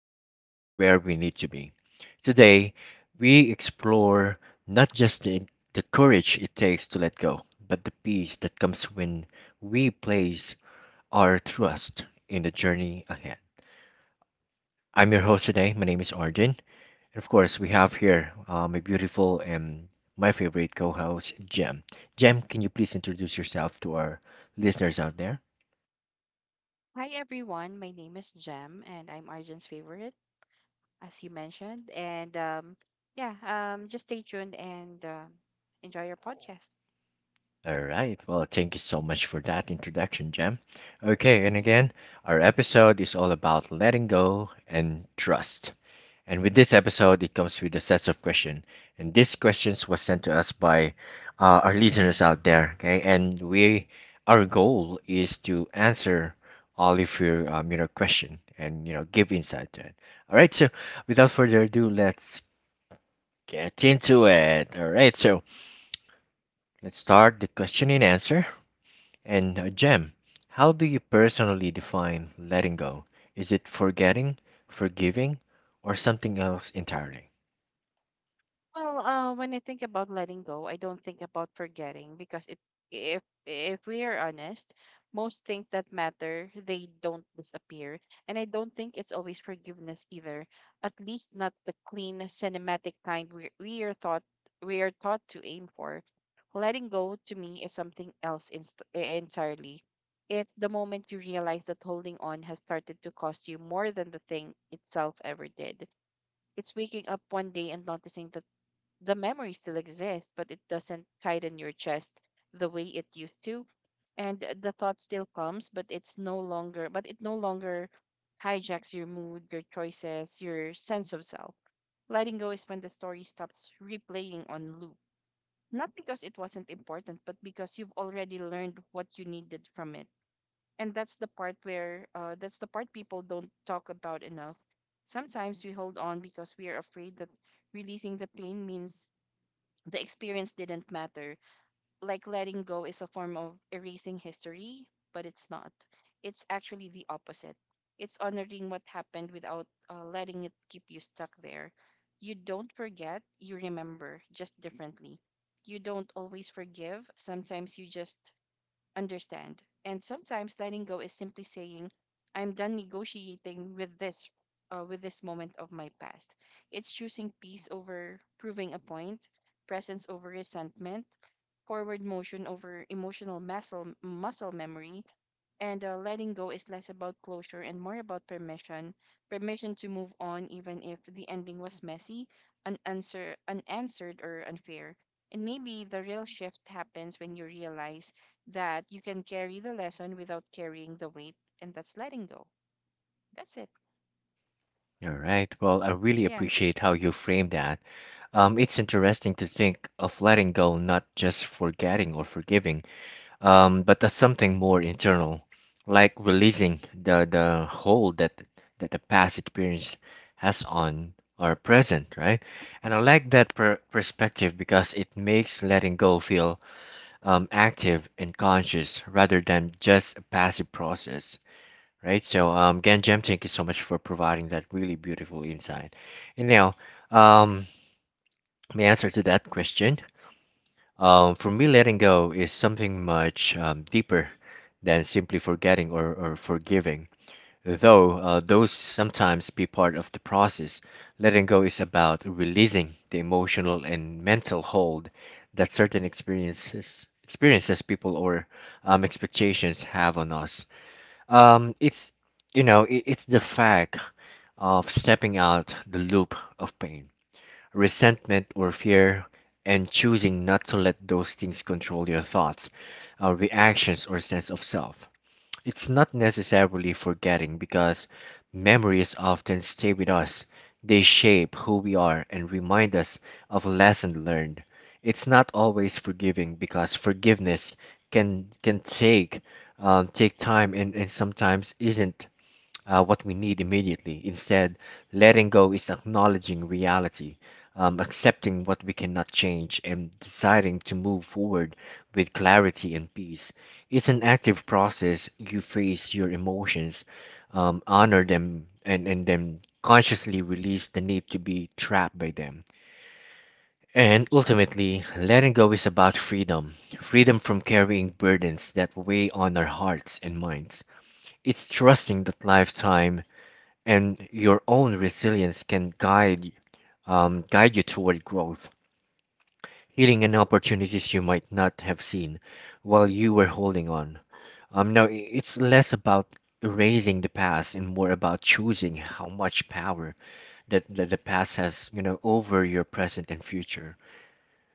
guiding us to where we need to be. Today, we explore not just the courage it takes to let go, but the peace that comes when we place our trust in the journey ahead. I'm your host today. My name is Arjun. And of course, we have here my beautiful and my favorite co host, Jem. Jem, can you please introduce yourself to our listeners out there? Hi everyone, my name is Jem and I'm Arjun's favorite, as you mentioned. And yeah, just stay tuned and enjoy your podcast. All right. Well, thank you so much for that introduction, Jem. Okay, and again, our episode is all about letting go and trust. And with this episode, it comes with a set of questions. And these questions were sent to us by our listeners out there. Okay, and we our goal is to answer all of your question and give insight to it. All right, so without further ado, let's get into it. All right, so let's start the question and answer. And Jem, how do you personally define letting go? Is it forgetting, forgiving, or something else entirely? Well, when I think about letting go, I don't think about forgetting because if if we are honest, most things that matter, they don't disappear. And I don't think it's always forgiveness either. At least not the clean cinematic kind we are taught to aim for. Letting go to me is something else entirely. It's the moment you realize that holding on has started to cost you more than the thing itself ever did. It's waking up one day and noticing that the memory still exists, but it doesn't tighten your chest the way it used to. And the thought still comes, but it no longer hijacks your mood, your choices, your sense of self. Letting go is when the story stops replaying on loop. Not because it wasn't important, but because you've already learned what you needed from it. And that's the part people don't talk about enough. Sometimes we hold on because we are afraid that releasing the pain means the experience didn't matter. Like letting go is a form of erasing history, but it's not. It's actually the opposite. It's honoring what happened without letting it keep you stuck there. You don't forget, you remember, just differently. You don't always forgive, sometimes you just understand. And sometimes letting go is simply saying, I'm done negotiating with this moment of my past. It's choosing peace over proving a point, presence over resentment, forward motion over emotional muscle memory, and letting go is less about closure and more about permission to move on, even if the ending was messy, unanswered, or unfair. And maybe the real shift happens when you realize that you can carry the lesson without carrying the weight, and that's letting go. That's it. All right. Well, I really Yeah. appreciate how you frame that. It's interesting to think of letting go not just forgetting or forgiving, but as something more internal, like releasing the hold that the past experience has on our present, right? And I like that perspective because it makes letting go feel active and conscious rather than just a passive process, right? So again, Jem, thank you so much for providing that really beautiful insight. Anyhow, um, my answer to that question, for me, letting go is something much deeper than simply forgetting or forgiving. Though those sometimes be part of the process, letting go is about releasing the emotional and mental hold that certain experiences, people, or expectations have on us. It's you know, it, it's the fact of stepping out the loop of pain, resentment, or fear, and choosing not to let those things control your thoughts, reactions, or sense of self. It's not necessarily forgetting because memories often stay with us. They shape who we are and remind us of lessons learned. It's not always forgiving because forgiveness can take take time and, sometimes isn't what we need immediately. Instead, letting go is acknowledging reality, accepting what we cannot change, and deciding to move forward with clarity and peace. It's an active process. You face your emotions, honor them, and, then consciously release the need to be trapped by them. And ultimately, letting go is about freedom, freedom from carrying burdens that weigh on our hearts and minds. It's trusting that lifetime and your own resilience can guide guide you toward growth, healing, and opportunities you might not have seen while you were holding on. Now it's less about erasing the past and more about choosing how much power that the past has, you know, over your present and future,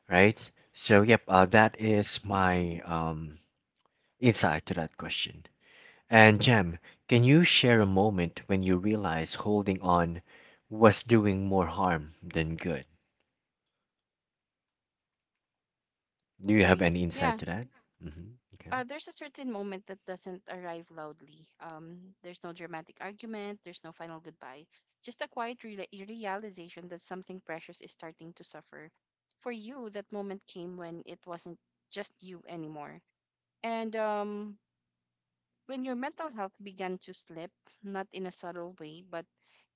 right? So, yep, that is my insight to that question. And Jem, can you share a moment when you realized holding on was doing more harm than good? Do you have Sorry. any insight Yeah. to that? hmm Okay. There's a certain moment that doesn't arrive loudly. There's no dramatic argument, there's no final goodbye, just a quiet realization that something precious is starting to suffer. For you, that moment came when it wasn't just you anymore. And when your mental health began to slip, not in a subtle way, but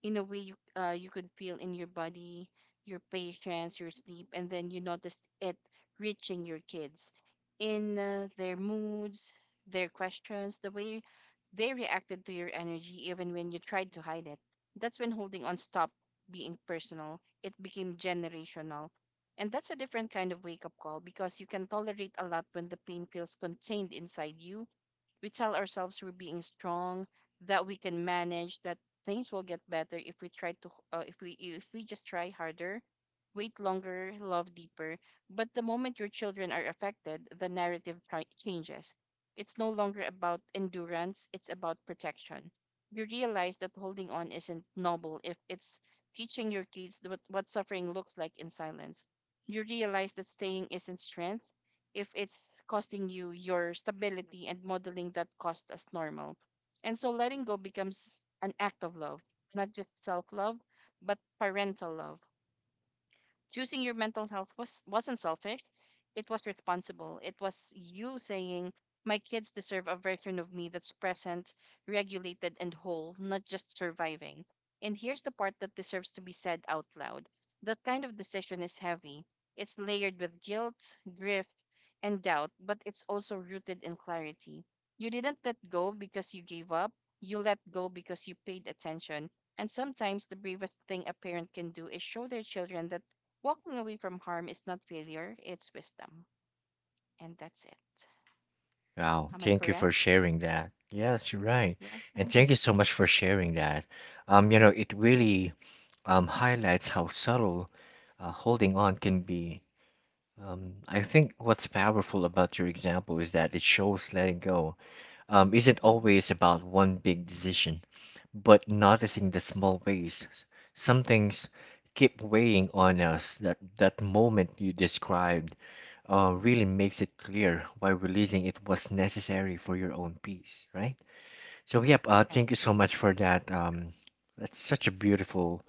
in a way you could feel in your body, your patience, your sleep, and then you noticed it reaching your kids in their moods, their questions, the way they reacted to your energy, even when you tried to hide it. That's when holding on stopped being personal, it became generational. And that's a different kind of wake up call because you can tolerate a lot when the pain feels contained inside you. We tell ourselves we're being strong, that we can manage, that things will get better if we try to, if we just try harder, wait longer, love deeper. But the moment your children are affected, the narrative changes. It's no longer about endurance; it's about protection. You realize that holding on isn't noble if it's teaching your kids what suffering looks like in silence. You realize that staying isn't strength, if it's costing you your stability and modeling that cost as normal. And so letting go becomes an act of love, not just self love, but parental love. Choosing your mental health wasn't selfish. It was responsible. It was you saying, "My kids deserve a version of me that's present, regulated, and whole, not just surviving." And here's the part that deserves to be said out loud. That kind of decision is heavy. It's layered with guilt, grief, and doubt, but it's also rooted in clarity. You didn't let go because you gave up. You let go because you paid attention. And sometimes the bravest thing a parent can do is show their children that walking away from harm is not failure, it's wisdom. And that's it. Wow. Am I Thank you for correct? sharing that. Yes, you're right. Yeah. And thank you so much for sharing that. You know, it really highlights how subtle holding on can be. I think what's powerful about your example is that it shows letting go isn't Mhm. always about one big decision, but noticing Mhm. the small ways. Some things keep weighing on us. That moment you described really makes it clear why releasing it was necessary for your own peace, right? So yep, Right. thank you so Right. much for that. That's such a beautiful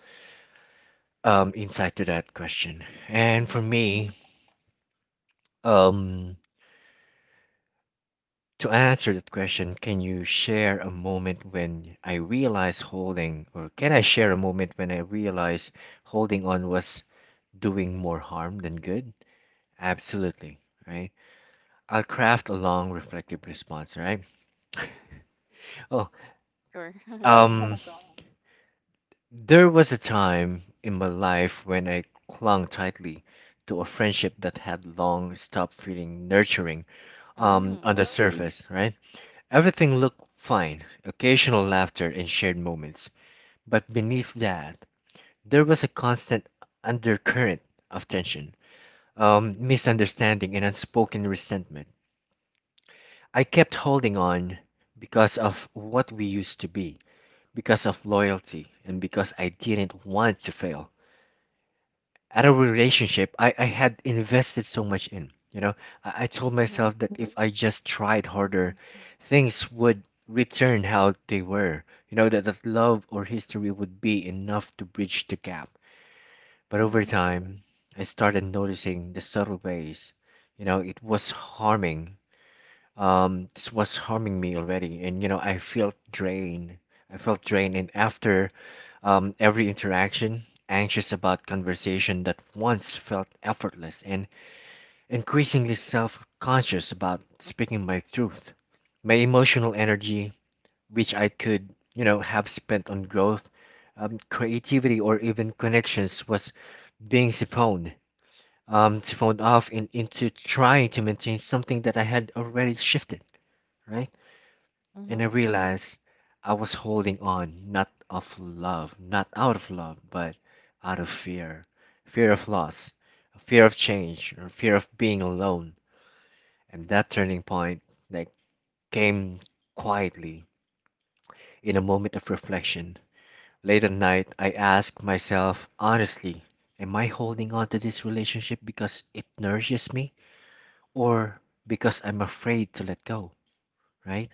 insight to that question. And Mm-hmm. for me, um, to answer that question, can you share a moment when I realized holding, or can I share a moment when I realized holding on was doing more harm than good? Absolutely, right? I'll craft a long, reflective response, right? Oh, Sure. Go ahead. um, there was a time in my life when I clung tightly to a friendship that had long stopped feeling nurturing on Mm. the surface, right? Everything looked fine, occasional laughter and shared moments. But beneath that, there was a constant undercurrent of tension, misunderstanding, and unspoken resentment. I kept holding on because of what we used to be, because of loyalty, and because I didn't want to fail at a relationship I had invested so much in. You know, I told Mm-hmm. myself that if I just tried Mm-hmm. harder, things would return how they were. You know, that love or history would be enough to bridge the gap. But over Mm-hmm. time, I started noticing the subtle ways, you know, it was harming. This was harming me already, and you know, I felt drained. I felt drained, and after every interaction, anxious about conversation that once felt effortless, and increasingly self-conscious about speaking my truth. My emotional energy, which I could, you know, have spent on growth, creativity, or even connections, was being siphoned to phone off and into trying to maintain something that I had already shifted, right? And I Mm-hmm. realized I was holding on, not out of love, but out of fear, fear of loss, fear of change, or fear of being alone. And that turning point, like, came quietly in a moment of reflection. Late at night, I asked myself honestly, am I holding on to this relationship because it nourishes me? Or because I'm afraid to let go, right?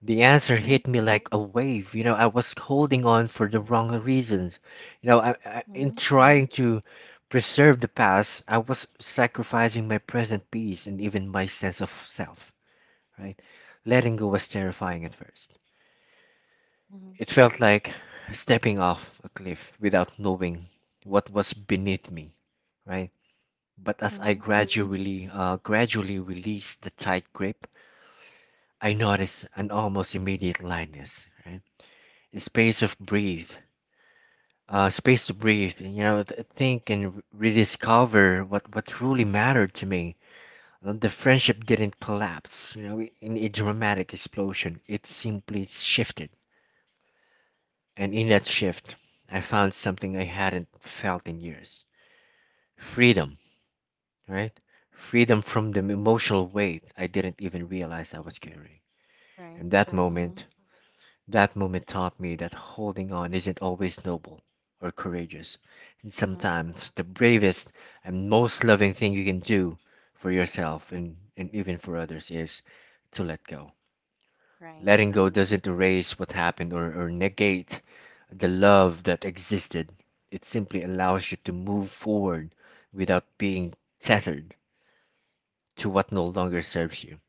The answer Mm-hmm. hit me like a wave. You know, I was holding on for the wrong reasons. You know, in Mm-hmm. trying to preserve the past, I was sacrificing my present peace and even my sense of self, right? Letting go was terrifying at first. Mm-hmm. It felt like stepping off a cliff without knowing what was beneath me, right? But as I Mm-hmm. Gradually released the tight grip, I noticed an almost immediate lightness, right? A space to breathe, and you know, think and rediscover what truly mattered to me. The friendship didn't collapse, you know, in a dramatic explosion. It simply shifted, and in that shift, I found something I hadn't felt in years: freedom, right? Freedom from the emotional weight I didn't even realize I was carrying. In Right. that Mm-hmm. moment, That moment taught me that holding on isn't always noble or courageous. It's Mm-hmm. sometimes the bravest and most loving thing you can do for yourself and, even for others is to let go. Right. Letting go doesn't erase what happened or negate the love that existed. It simply allows you to move forward without being tethered to what no longer serves you.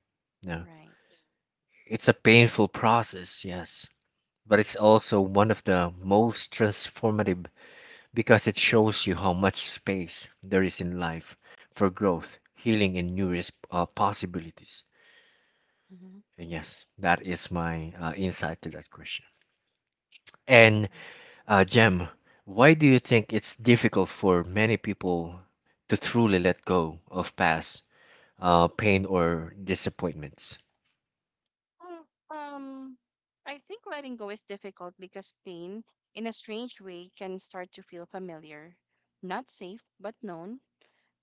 No. Right. It's a painful process, yes, but it's also one of the most transformative because it shows you how much space there is in life for growth, healing, and new possibilities. Mm-hmm. And yes, that is my insight to that question. And Jem, why do you think it's difficult for many people to truly let go of past pain or disappointments? Well, I think letting go is difficult because pain, in a strange way, can start to feel familiar, not safe but known.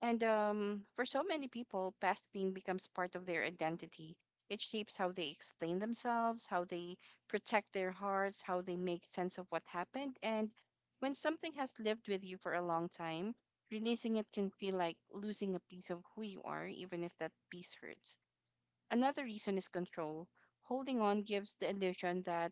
And for so many people, past pain becomes part of their identity. It shapes how they explain themselves, how they protect their hearts, how they make sense of what happened. And when something has lived with you for a long time, releasing it can feel like losing a piece of who you are, even if that piece hurts. Another reason is control. Holding on gives the illusion that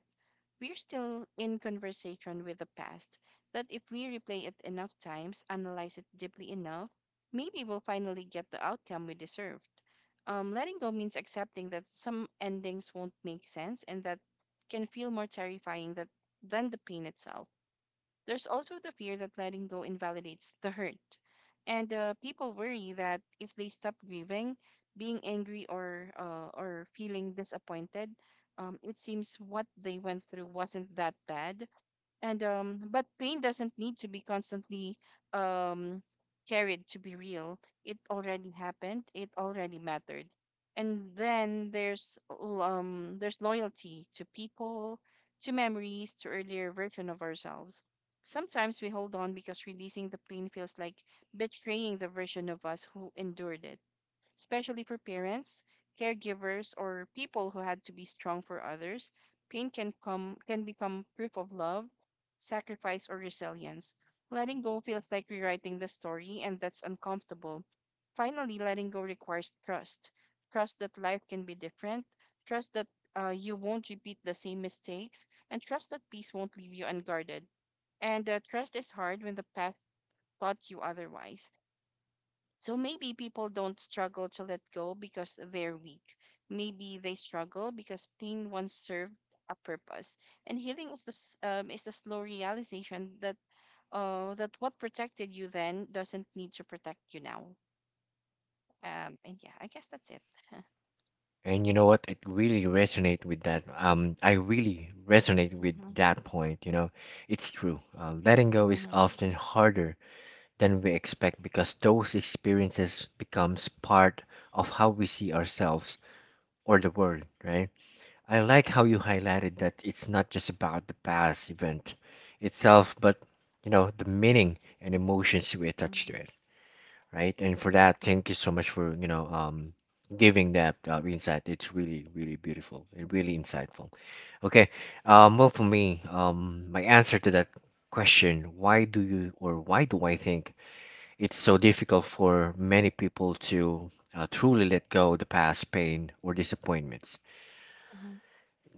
we're still in conversation with the past, that if we replay it enough times, analyze it deeply enough, maybe we'll finally get the outcome we deserved. Letting go means accepting that some endings won't make sense and that can feel more terrifying than the pain itself. There's also the fear that letting go invalidates the hurt. And people worry that if they stop grieving, being angry or feeling disappointed, it seems what they went through wasn't that bad, and but pain doesn't need to be constantly um, carried to be real. It already happened. It already mattered. And then there's loyalty to people, to memories, to earlier version of ourselves. Sometimes we hold on because releasing the pain feels like betraying the version of us who endured it, especially for parents, caregivers, or people who had to be strong for others. Pain can become proof of love, sacrifice, or resilience. Letting go feels like rewriting the story, and that's uncomfortable. Finally, letting go requires trust. Trust that life can be different, trust that you won't repeat the same mistakes, and trust that peace won't leave you unguarded. And trust is hard when the past taught you otherwise. So maybe people don't struggle to let go because they're weak. Maybe they struggle because pain once served a purpose. And healing is the slow realization that what protected you then doesn't need to protect you now. And yeah, I guess that's it. And you know what? It really resonate with that. I really resonate with Mm-hmm. that point. You know, it's true. Letting go is Mm-hmm. often harder than we expect because those experiences becomes part of how we see ourselves or the world, right? I like how you highlighted that it's not just about the past event itself, but you know, the meaning and emotions we attach to it, right? And for that, thank you so much for you know giving that insight. It's really really beautiful and really insightful. Okay, well for me, my answer to that question, why do you or why do I think it's so difficult for many people to truly let go of the past pain or disappointments? Mm-hmm.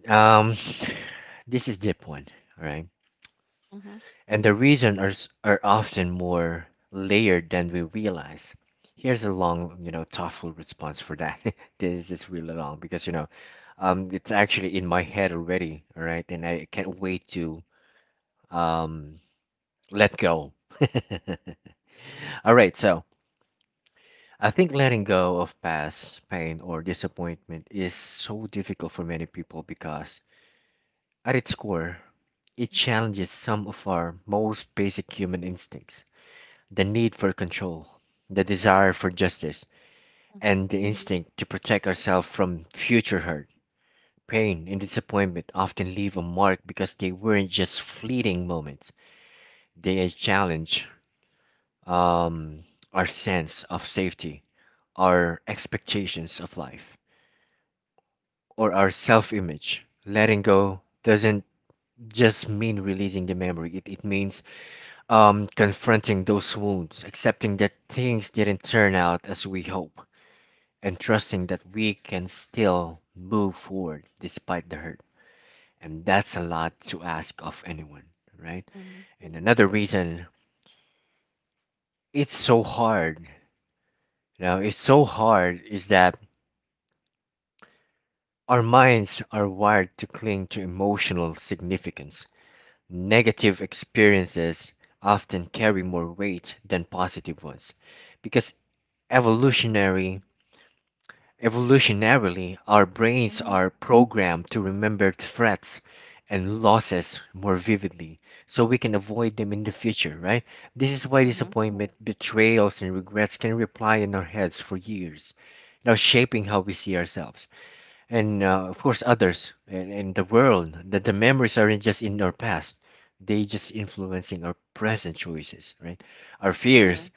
Um, this is deep one. All right. Mm-hmm. And the reasons are, are often more layered than we realize. Here's a long, you know, thoughtful response for that. This is really long because, you know, it's actually in my head already, all right? And I can't wait to um, let go. All right, so I think letting go of past pain or disappointment is so difficult for many people because, at its core, it challenges some of our most basic human instincts. The need for control, the desire for justice, Mm-hmm. and the instinct to protect ourselves from future hurt, pain, and disappointment often leave a mark because they weren't just fleeting moments. They challenge um, our sense of safety, our expectations of life, or our self image. Letting go doesn't just mean releasing the memory, it means confronting those wounds, accepting that things didn't turn out as we hoped and trusting that we can still move forward despite the hurt. And that's a lot to ask of anyone, right? Mm-hmm. And another reason it's so hard, it's so hard is that our minds are wired to cling to emotional significance. Negative experiences often carry more weight than positive ones because Mm-hmm. evolutionary Evolutionarily, our brains are programmed to remember threats and losses more vividly so we can avoid them in the future, right? This is why Mm-hmm. disappointment, betrayals, and regrets can reply in our heads for years, now shaping how we see ourselves and of course others, and the world. That the memories aren't just in our past, they just influencing our present choices, right? Our fears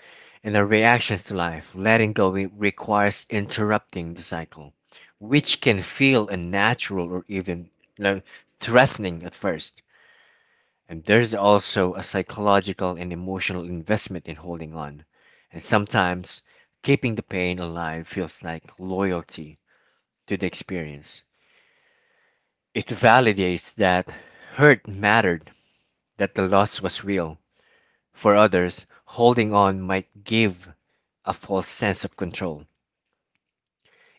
and our reactions to life. Letting go requires interrupting the cycle, which can feel unnatural or even, like, threatening at first. And there's also a psychological and emotional investment in holding on, and sometimes keeping the pain alive feels like loyalty to the experience. It validates that hurt mattered, that the loss was real. For others, holding on might give a false sense of control.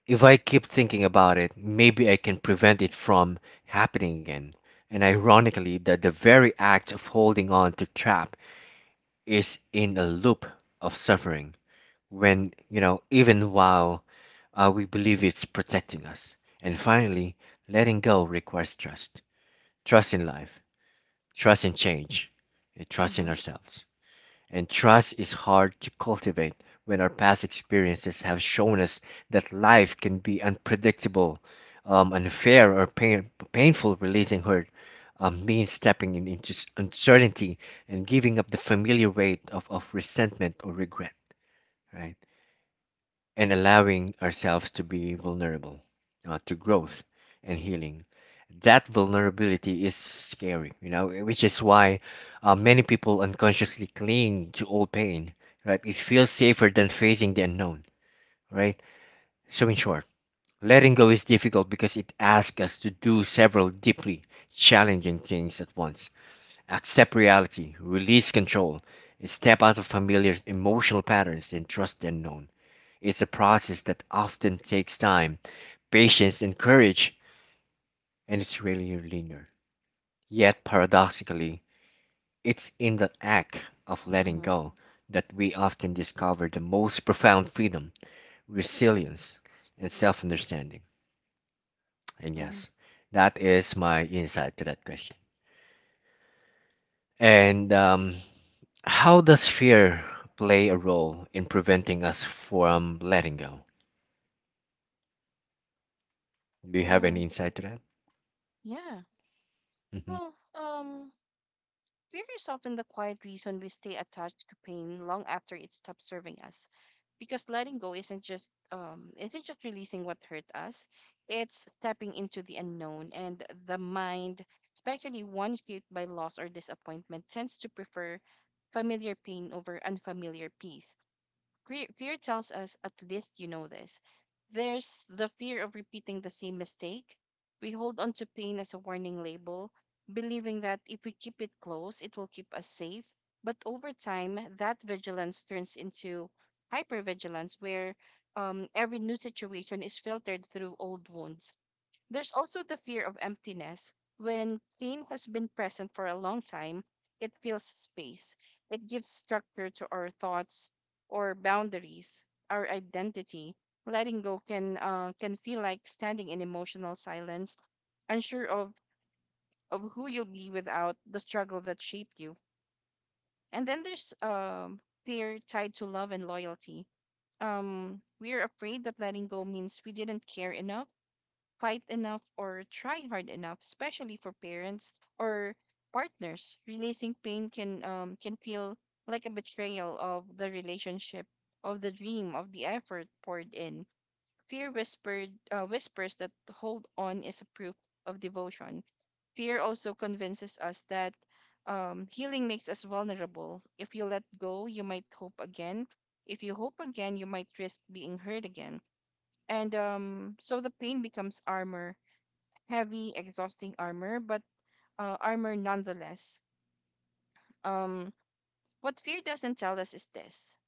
If I keep thinking about it, maybe I can prevent it from happening again. And ironically, that the very act of holding on to trap is in a loop of suffering when, you know, even while we believe it's protecting us. And finally, letting go requires trust. Trust in life. Trust in change. And trust in Mm-hmm. ourselves. And trust is hard to cultivate when our past experiences have shown us that life can be unpredictable, unfair, or painful. Releasing hurt means stepping in into uncertainty and giving up the familiar weight of resentment or regret, right? And allowing ourselves to be vulnerable to growth and healing. That vulnerability is scary, you know, which is why many people unconsciously cling to old pain, right? It feels safer than facing the unknown, right? So, in short, letting go is difficult because it asks us to do several deeply challenging things at once: accept reality, release control, step out of familiar emotional patterns, and trust the unknown. It's a process that often takes time, patience, and courage, and it's rarely linear. Yet, paradoxically, it's in the act of letting Mm-hmm. go that we often discover the most profound freedom, resilience, and self understanding. And Mm-hmm. yes, that is my insight to that question. And How does fear play a role in preventing us from letting go? Do you have any Mm, insight to that? yeah. Hmm. Well, fear is often the quiet reason we stay attached to pain long after it stops serving us. Because letting go isn't just releasing what hurt us; it's stepping into the unknown. And the mind, especially one shaped by loss or disappointment, tends to prefer familiar pain over unfamiliar peace. Fear tells us at least you know this. There's the fear of repeating the same mistake. We hold on to pain as a warning label, believing that if we keep it close, it will keep us safe. But over time, that vigilance turns into hypervigilance, where every new situation is filtered through old wounds. There's also the fear of emptiness. When pain has been present for a long time, it fills space. It gives structure to our thoughts or boundaries, our identity. Letting go can feel like standing in emotional silence, unsure of who you'll be without the struggle that shaped you. And then there's fear tied to love and loyalty. We are afraid that letting go means we didn't care enough, fight enough, or try hard enough, especially for parents or partners. Releasing pain can feel like a betrayal of the relationship, of the dream, of the effort poured in. Fear whispered whispers that hold on is a proof of devotion. Fear also convinces us that healing makes us vulnerable. If you let go, you might hope again. If you hope again, you might risk being hurt again. And so the pain becomes armor, heavy, exhausting armor, but armor nonetheless. Um, what fear doesn't tell us is this: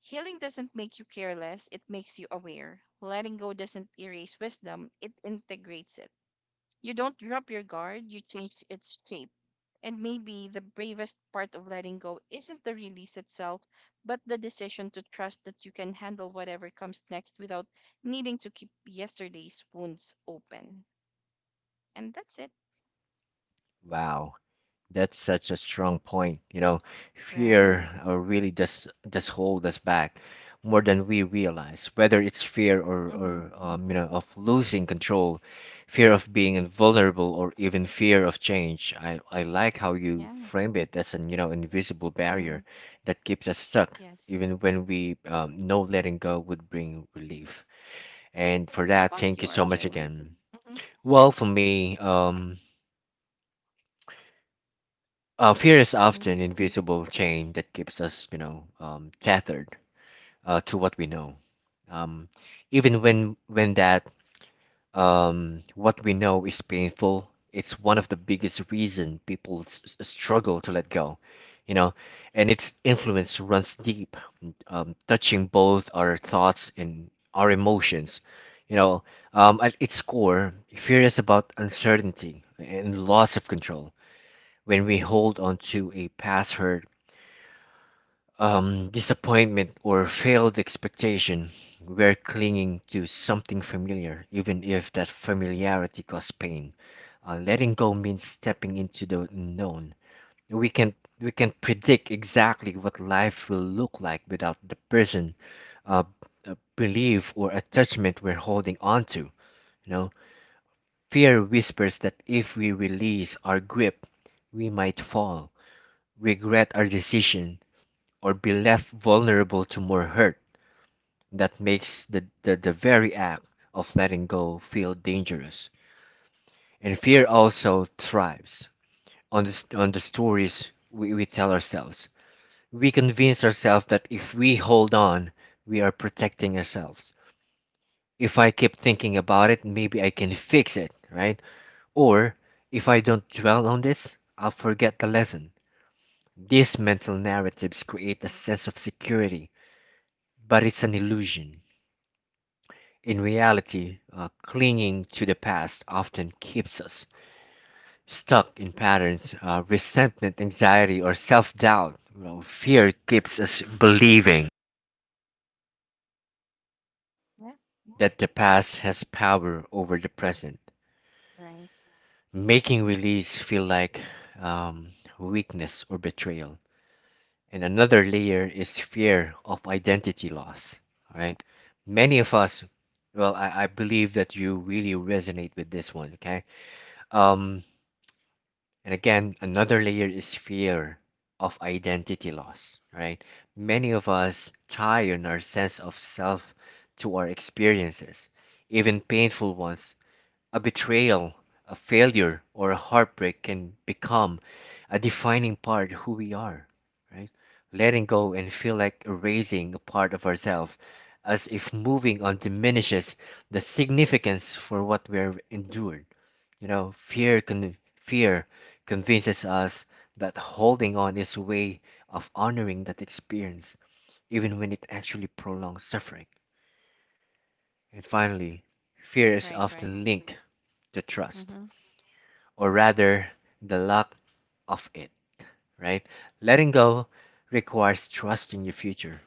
healing doesn't make you careless, it makes you aware. Letting go doesn't erase wisdom, it integrates it. You don't drop your guard, you change its shape. And maybe the bravest part of letting go isn't the release itself, but the decision to trust that you can handle whatever comes next without needing to keep yesterday's wounds open. And that's it. Wow. That's such a strong point. You know, fear Right. Really does hold us back more than we realize. Whether it's fear or Mm-hmm. You know, of losing control, fear of being vulnerable, or even fear of change. I like how you Yeah. frame it as an, you know, invisible barrier Mhm. that keeps us stuck, Yes. even when we know letting go would bring relief. And Yeah. for How that, about thank you, you so much Arjun? again. Mm-hmm. Well, for me, fear is Hmm. often invisible chain that keeps us, you know, tethered to what we know. Um, even when that what we know is painful, it's one of the biggest reason people struggle to let go, you know, and its influence runs deep, touching both our thoughts and our emotions. You know, at its core, fear is about uncertainty and loss of control. When we hold on to a past hurt, disappointment, or failed expectation, we're clinging to something familiar, even if that familiarity caused pain. Letting go means stepping into the unknown. We can we can predict exactly what life will look like without the person, uh, belief, or attachment we're holding on to. You know, fear whispers that if we release our grip, we might fall, regret our decision, or be left vulnerable to more hurt. That makes the, the very act of letting go feel dangerous. And fear also thrives on the, on the stories we tell ourselves. We convince ourselves that if we hold on, we are protecting ourselves. If I keep thinking about it, maybe I can fix it, right? Or if I don't dwell on this, I'll forget the lesson. These mental narratives create a sense of security, but it's an illusion. In reality, clinging to the past often keeps us stuck in patterns. Resentment, anxiety, or self doubt. Fear keeps us believing Yeah. that the past has power over the present, Right. making release feel like um, weakness or betrayal. And another layer is fear of identity loss. All right? Many of us, well, I believe that you really resonate with this one, okay? Um, and again, another layer is fear of identity loss, right? Many of us tie on our sense of self to our experiences, even painful ones. A betrayal, a failure, or a heartbreak can become a defining part of who we are, right? Letting go and feel like erasing a part of ourselves, as if moving on diminishes the significance for what we've endured. You know, fear convinces us that holding on is a way of honoring that experience, even when it actually prolongs suffering. And finally, fear is Right. Right. often linked to trust, Mm-hmm. or rather, the lack of it, right? Letting go requires trusting your future,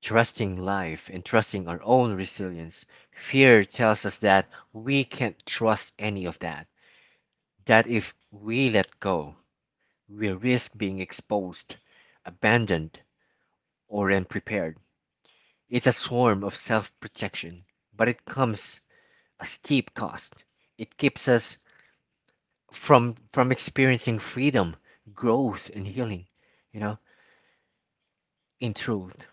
trusting life, and trusting our own resilience. Fear tells us that we can't trust any of that, that if we let go, we risk being exposed, abandoned, or unprepared. It's a form of self protection, but it comes a steep cost. It keeps us from experiencing freedom, growth, and healing. You know, in truth,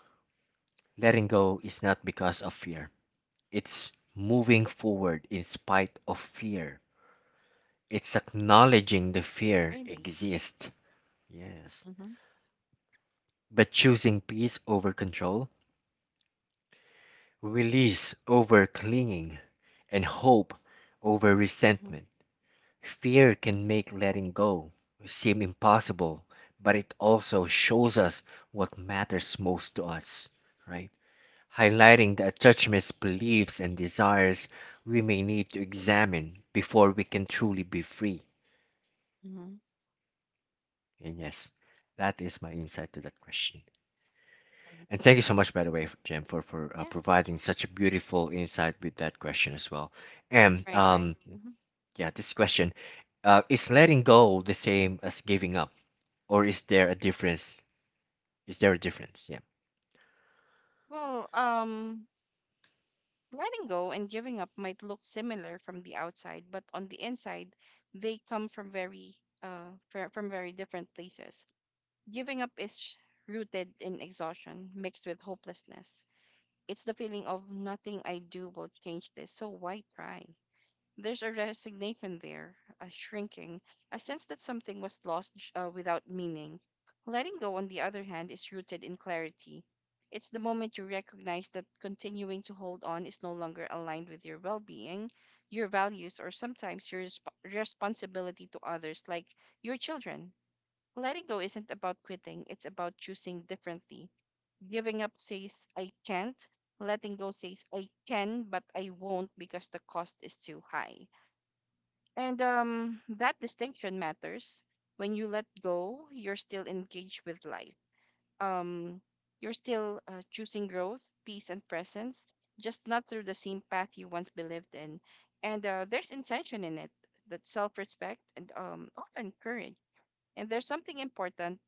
letting go is not because of fear. It's moving forward in spite of fear. It's acknowledging the fear Really. exists. Yes. Mm-hmm. But choosing peace over control, release over clinging, and hope over Mm-hmm. resentment. Fear can make letting go seem impossible, but it also shows us what matters most to us, right? Highlighting the attachments, beliefs, and desires we may need to examine before we can truly be free. Mm-hmm. And yes, that is my insight to that question. Right. And thank you so much, by the way, Jem, for Yeah. providing such a beautiful insight with that question as well. And Right. Right. Mm-hmm. Yeah, this question. Is letting go the same as giving up, or is there a difference? Is there a difference? Yeah. Well, letting go and giving up might look similar from the outside, but on the inside, they come from very different places. Giving up is rooted in exhaustion mixed with hopelessness. It's the feeling of nothing I do will change this, so why try? There's a resignation there, a shrinking, a sense that something was lost without meaning. Letting go, on the other hand, is rooted in clarity. It's the moment you recognize that continuing to hold on is no longer aligned with your well being, your values, or sometimes your responsibility to others, like your children. Letting go isn't about quitting, it's about choosing differently. Giving up says, I can't. Letting go says, I can, but I won't because the cost is too high. And that distinction matters. When you let go, you're still engaged with life. Um, you're still choosing growth, peace, and presence, just not through the same path you once believed in. And there's intention in it, that self-respect and often courage. And there's something important.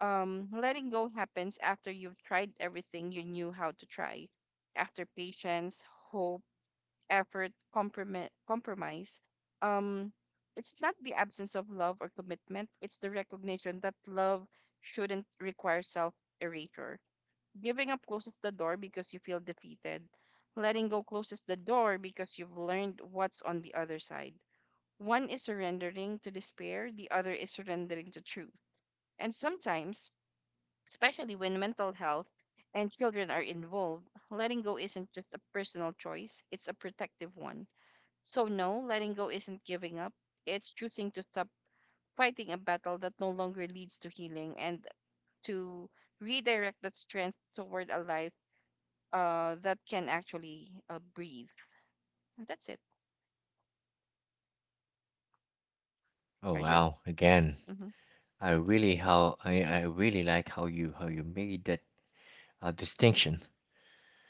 Letting go happens after you've tried everything you knew how to try, after patience, hope, effort, compromise, compromise. Um, it's not the absence of love or commitment. It's the recognition that love shouldn't require self erasure. Giving up closes the door because you feel defeated. Letting go closes the door because you've learned what's on the other side. One is surrendering to despair, the other is surrendering to truth. And sometimes, especially when mental health and children are involved, letting go isn't just a personal choice, it's a protective one. So, no, letting go isn't giving up. It's choosing to stop fighting a battle that no longer leads to healing and to redirect that strength toward a life that can actually breathe. That's it, Oh, Arjun. wow! Again, Hmm. I really like how you made that distinction.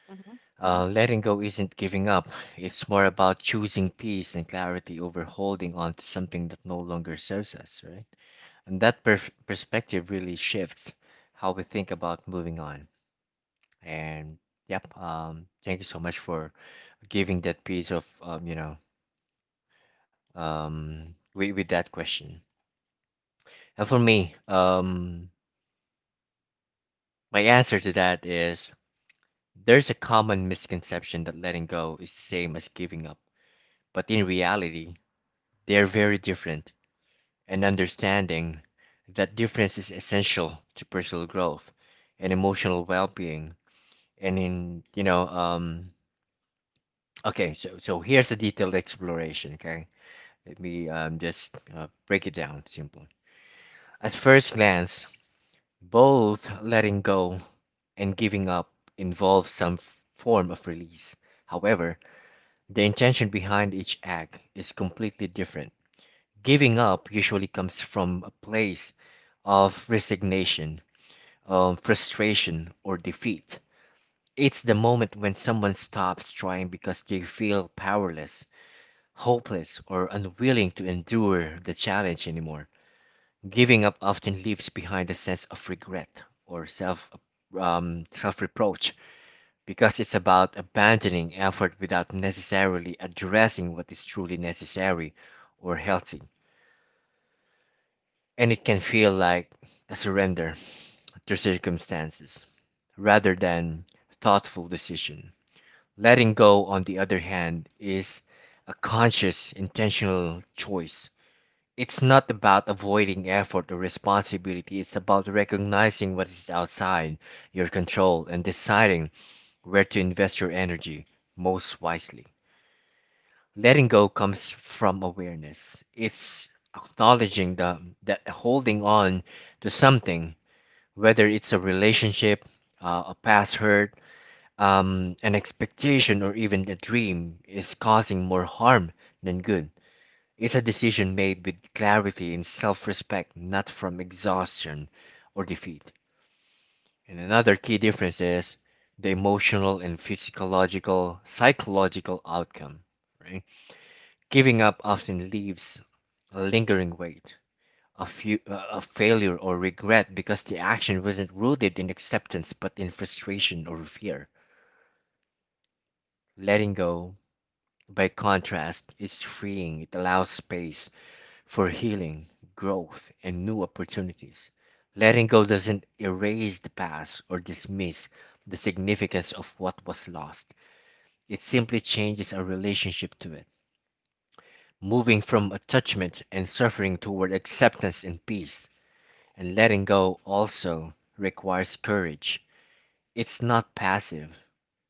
Hmm. Letting go isn't giving up. It's more about choosing peace and clarity over holding on to something that no longer serves us, right? And that perspective really shifts how we think about moving on. And yep, thank you so much for giving that piece of you know, with that question. And for me, my answer to that is there's a common misconception that letting go is the same as giving up, but in reality, they are very different. And understanding that difference is essential to personal growth and emotional well-being. And in you know okay, so so here's a detailed exploration. Okay. Let me just break it down simply. At first glance, both letting go and giving up involve some form of release. However, the intention behind each act is completely different. Giving up usually comes from a place of resignation, frustration, or defeat. It's the moment when someone stops trying because they feel powerless, hopeless, or unwilling to endure the challenge anymore. Giving up often leaves behind a sense of regret or self reproach because it's about abandoning effort without necessarily addressing what is truly necessary or healthy. And it can feel like a surrender to circumstances rather than thoughtful decision. Letting go, on the other hand, is a conscious, intentional choice. It's not about avoiding effort or responsibility. It's about recognizing what is outside your control and deciding where to invest your energy most wisely. Letting go comes from awareness. It's acknowledging the, that holding on to something, whether it's a relationship, a past hurt, an expectation, or even a dream, is causing more harm than good. It's a decision made with clarity and self respect, not from exhaustion or defeat. And another key difference is the emotional and physiological, psychological outcome, right? Giving up often leaves a lingering weight, a, few, a failure or regret because the action wasn't rooted in acceptance but in frustration or fear. Letting go, by contrast, is freeing. It allows space for healing, growth, and new opportunities. Letting go doesn't erase the past or dismiss the significance of what was lost, it simply changes our relationship to it. Moving from attachment and suffering toward acceptance and peace, and letting go also requires courage. It's not passive.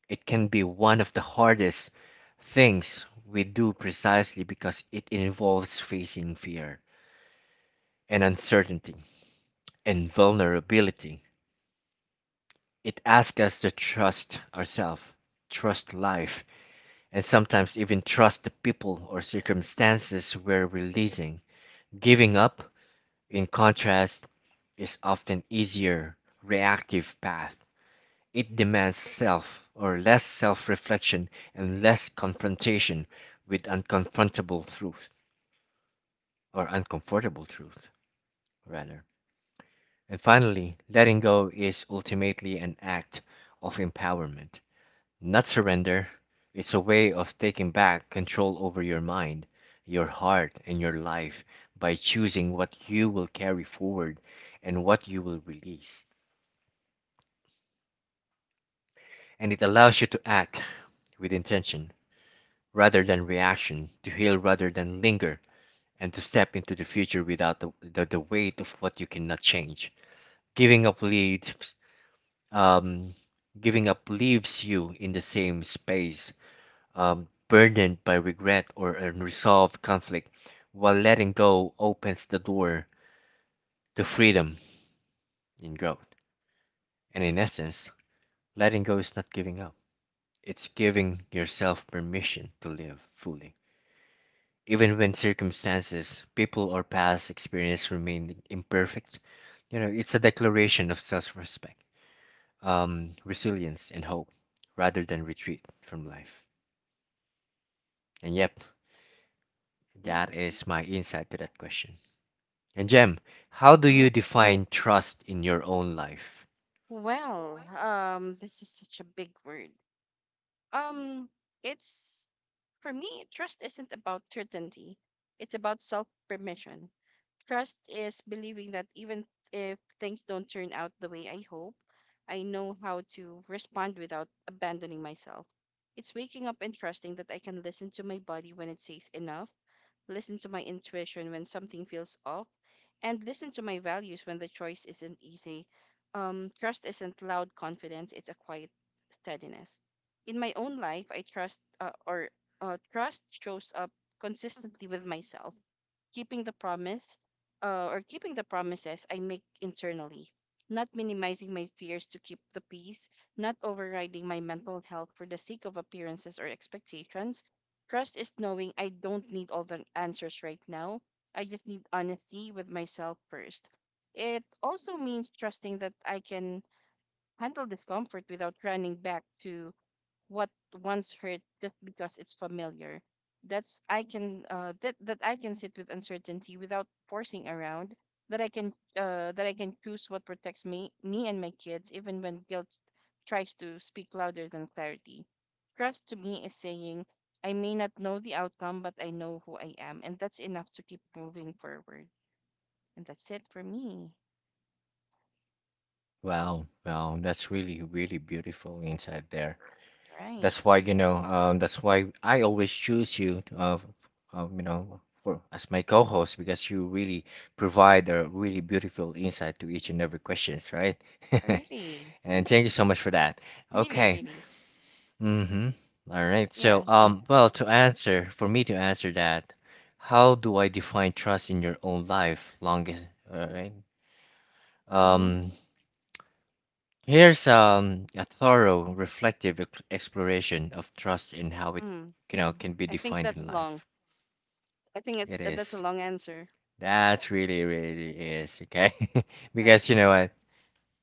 It can be one of the hardest things we do precisely because it involves facing fear and uncertainty and vulnerability. It asks us to trust ourselves, trust life, and sometimes even trust the people or circumstances we're releasing. Giving up, in contrast, is often easier reactive path. It demands self or less self-reflection and less confrontation with unconfrontable truth or uncomfortable truth rather. And finally, letting go is ultimately an act of empowerment. Not surrender. It's a way of taking back control over your mind, your heart, and your life by choosing what you will carry forward and what you will release. And it allows you to act with intention rather than reaction, to heal rather than linger, and to step into the future without the weight of what you cannot change. Giving up leaves, um, Giving up leaves you in the same space burdened by regret or unresolved conflict, while letting go opens the door to freedom and growth. And in essence, letting go is not giving up, it's giving yourself permission to live fully. Even when circumstances, people, or past experience remain imperfect, it's a declaration of self respect, resilience, and hope rather than retreat from life. And yep, Yeah. that is my insight to that question. And Jem, how do Hmm. you define trust in your own life? Well, this is such a big word. Um, it's for me, trust isn't about certainty. It's about self permission. Trust is believing that even if things don't turn out the way I hope, I know how to respond without abandoning myself. It's waking up and trusting that I can listen to my body when it says enough, listen to my intuition when something feels off, and listen to my values when the choice isn't easy. Trust isn't loud confidence, it's a quiet steadiness. In my own life, I trust or trust shows up consistently with myself keeping the promises I make internally, not minimizing my fears to keep the peace, not overriding my mental health for the sake of appearances or expectations. Trust is knowing I don't need all the answers right now. I just need honesty with myself first. It also means trusting that I can handle discomfort without running back to what once hurt just because it's familiar. That I can sit with uncertainty without forcing around. That I can choose what protects me and my kids even when guilt tries to speak louder than clarity. Trust to me is saying I may not know the outcome, but I know who I am, and that's enough to keep moving forward. And that's it for me. Mm, Wow, wow, that's really, really beautiful insight there. right? That's why, that's why I always choose you, to, f- you know, for as my co-host because you really provide a really beautiful insight to each and every questions, right? Really, And thank you so much for that. really, Okay. really, Mm-hmm. All right. yeah. So, well, for me to answer that, how do I define trust in your own life? Longest, all right. Mm-hmm. Um, Here's a thorough, reflective exploration of trust and how it, Mm. you know, can be I think defined in that's long. life. I think It it, that's a is. long answer, That really, really is okay. right? Because you know what?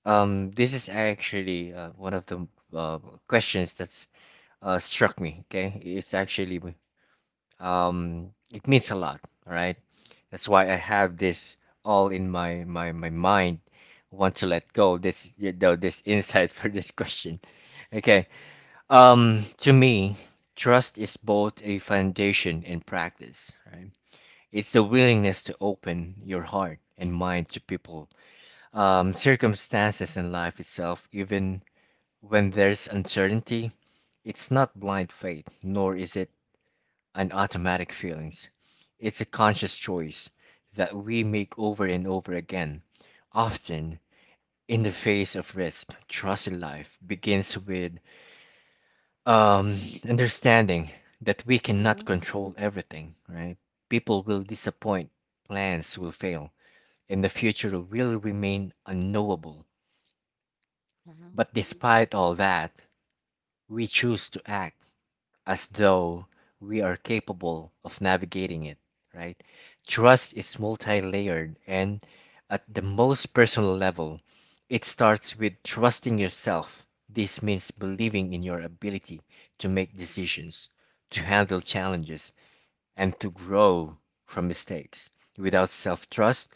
This is actually one of the uh, questions that's struck me. Okay, it means a lot, right? That's why I have this all in my mind. Want to let go this insight for this question. Okay. To me, trust is both a foundation and practice, right? It's the willingness to open your heart and mind to people, circumstances, and life itself, even when there's uncertainty. It's not blind faith, nor is it an automatic feelings. It's a conscious choice that we make over and over again, often in the face of risk. Trust in life begins with um, understanding that we cannot Mm-hmm. control everything, right? People will disappoint, plans will fail, and the future will remain unknowable. Mm-hmm. But despite all that, we choose to act as though we are capable of navigating it, right? Trust is multi layered, and at the most personal level, it starts with trusting yourself. This means believing in your ability to make decisions, to handle challenges, and to grow from mistakes. Without self trust,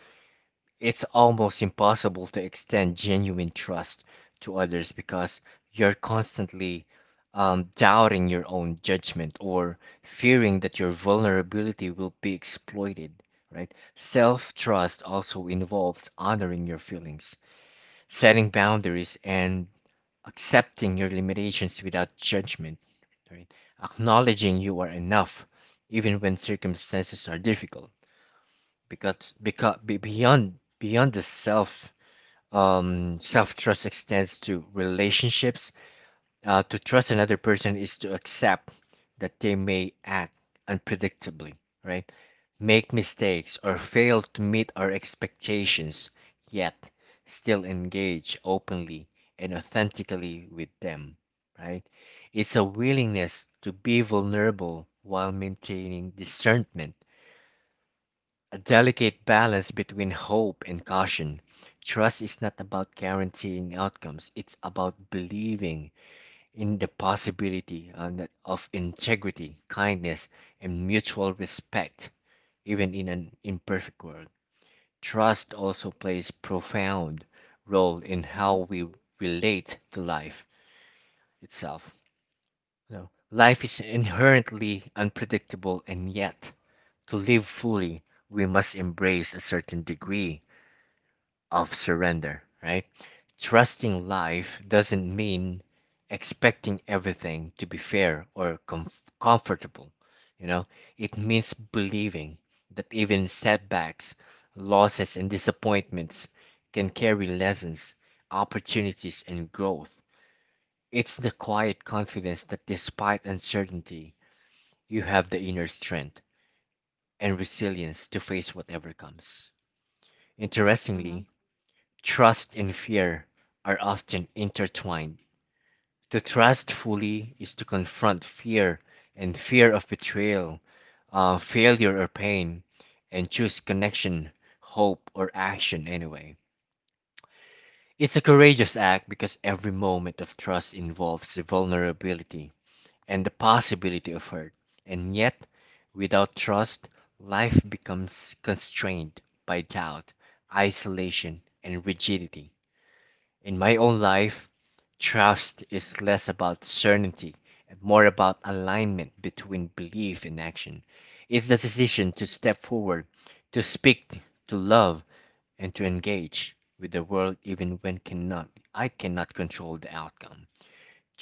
it's almost impossible to extend genuine trust to others because you're constantly doubting your own judgment or fearing that your vulnerability will be exploited, right? Self trust also involves honoring your feelings, setting boundaries, and accepting your limitations without judgment, right? Acknowledging you are enough even when circumstances are difficult because, beyond the self self trust extends to relationships. To trust another person is to accept that they may act unpredictably, right? Make mistakes or fail to meet our expectations, yet still engage openly and authentically with them, right? It's a willingness to be vulnerable while maintaining discernment a delicate balance between hope and caution. Trust is not about guaranteeing outcomes, it's about believing in the possibility of integrity, kindness, and mutual respect, even in an imperfect world. Trust also plays profound role in Mm-hmm. how we relate to life itself. You know, life is inherently unpredictable, and yet, to live fully, we must embrace a certain degree of surrender, right? Trusting life doesn't mean expecting everything to be fair or comfortable. You know, it means believing that even setbacks, losses, and disappointments can carry lessons, opportunities, and growth. It's the quiet confidence that despite uncertainty, you have the inner strength and resilience to face whatever comes. Mm-hmm. Interestingly, trust and fear are often intertwined. To trust fully is to confront fear and fear of betrayal, failure, or pain, and choose connection, hope, or action anyway. It's a courageous act because every moment of trust involves the vulnerability and the possibility of hurt. And yet, without trust, life becomes constrained by doubt, isolation, and rigidity. In my own life, trust is less about certainty and more about alignment between belief and action. It's the decision to step forward, to speak, to love, and to engage with the world even when cannot I cannot control the outcome.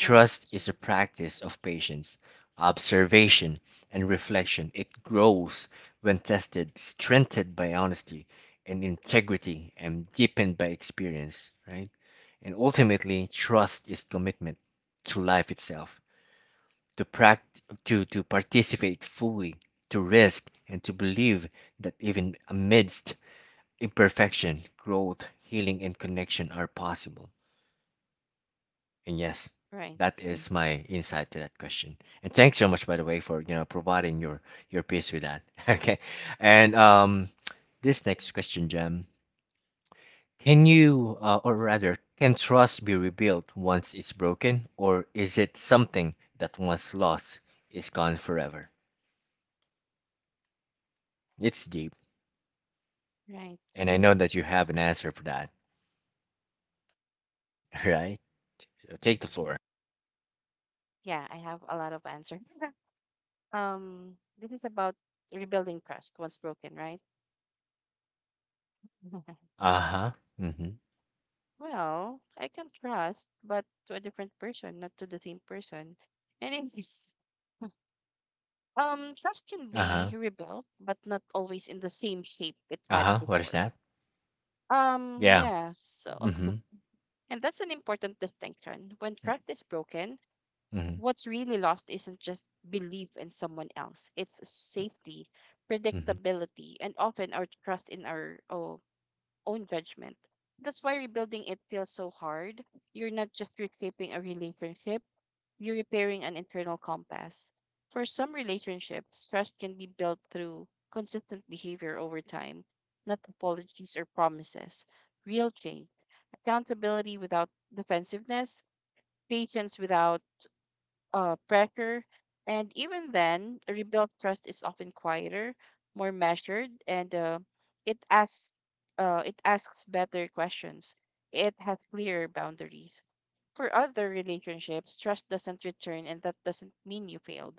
Right. is a practice of patience, observation, and reflection. It grows when tested, strengthened by honesty and integrity, and deepened by experience, right? And ultimately, trust is commitment to life itself, to participate fully, to risk, and to believe that even amidst imperfection, growth, healing, and connection are possible. And yes, that Right. is my insight to that question. And thanks so much, by the way, for providing your piece with that. Okay, and this next question, Jem, can you or rather can trust be rebuilt once it's broken, or is it something that once lost is gone forever? It's deep, Right. and I know that you have an answer for that, right? So take the floor. Yeah, I have a lot of answer. Um, this is about rebuilding trust once broken, right? Uh huh. Mm-hmm. Well, I can trust, but to a different person, not to the same person. Anyways, trust can Uh be huh. rebuilt, but not always in the same shape it Uh had huh. What is before. that? Um, Yeah. yeah, so, Mm-hmm. and that's an important distinction. When trust is broken, Mm-hmm. what's really lost isn't just belief in someone else, it's safety, Mm-hmm. predictability, and often our trust in own judgment. That's why rebuilding it feels so hard. You're not just reshaping a relationship, you're repairing an internal compass. For some relationships, trust can be built through consistent behavior over time, not apologies or promises. Real change, accountability without defensiveness, patience without pressure. And even then, rebuilt trust is often quieter, more measured, and it asks it asks better questions. It has clearer boundaries. For other relationships, trust doesn't return, and that doesn't mean you failed.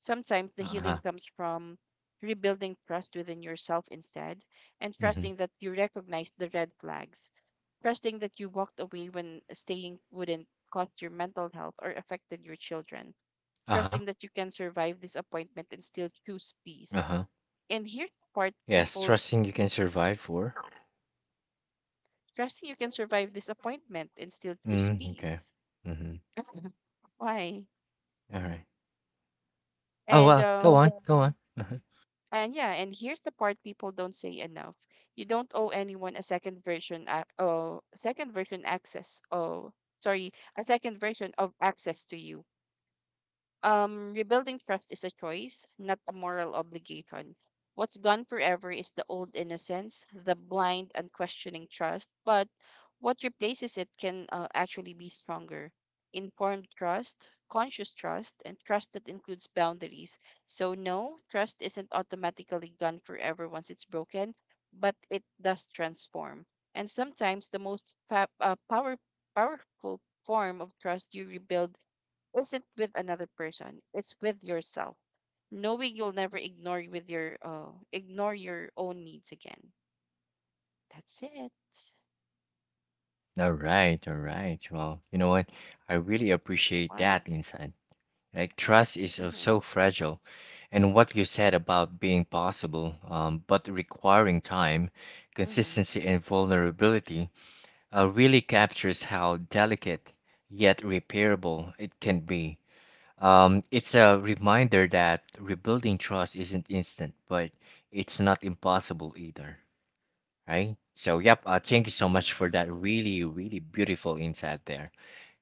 Sometimes the healing Uh-huh. comes from rebuilding trust within yourself instead, and Mm-hmm. trusting that you recognize the red flags, trusting that you walked away when staying wouldn't cost your mental health or affected your children Uh-huh. trusting that you can survive disappointment and still choose peace. Uh-huh. And here's the part Yes, people trusting you can survive for. trusting you can survive disappointment and still choose Mm, okay. peace. Mm-hmm. Why? All right. Oh And well, go um on, go on. Uh-huh. and here's the part people don't say enough. You don't owe anyone a second version ac- oh second version access. Oh, sorry, a second version of access to you. Rebuilding trust is a choice, not a moral obligation. What's gone forever is the old innocence, the blind, unquestioning trust, but what replaces it can actually be stronger. Informed trust, conscious trust, and trust that includes boundaries. So, no, trust isn't automatically gone forever once it's broken, but it does transform. And sometimes the most powerful form of trust you rebuild isn't with another person, it's with yourself. Knowing you'll never ignore your own needs again. That's it. All right, all right. Well, you know what? I really appreciate Why? that insight. Like trust is so Mhm. fragile, and what you said about being possible, but requiring time, Mhm. consistency, and vulnerability, really captures how delicate yet repairable it can be. It's a reminder that rebuilding trust isn't instant, but it's not impossible either, right? So, yep, thank you so much for that really, really beautiful insight there.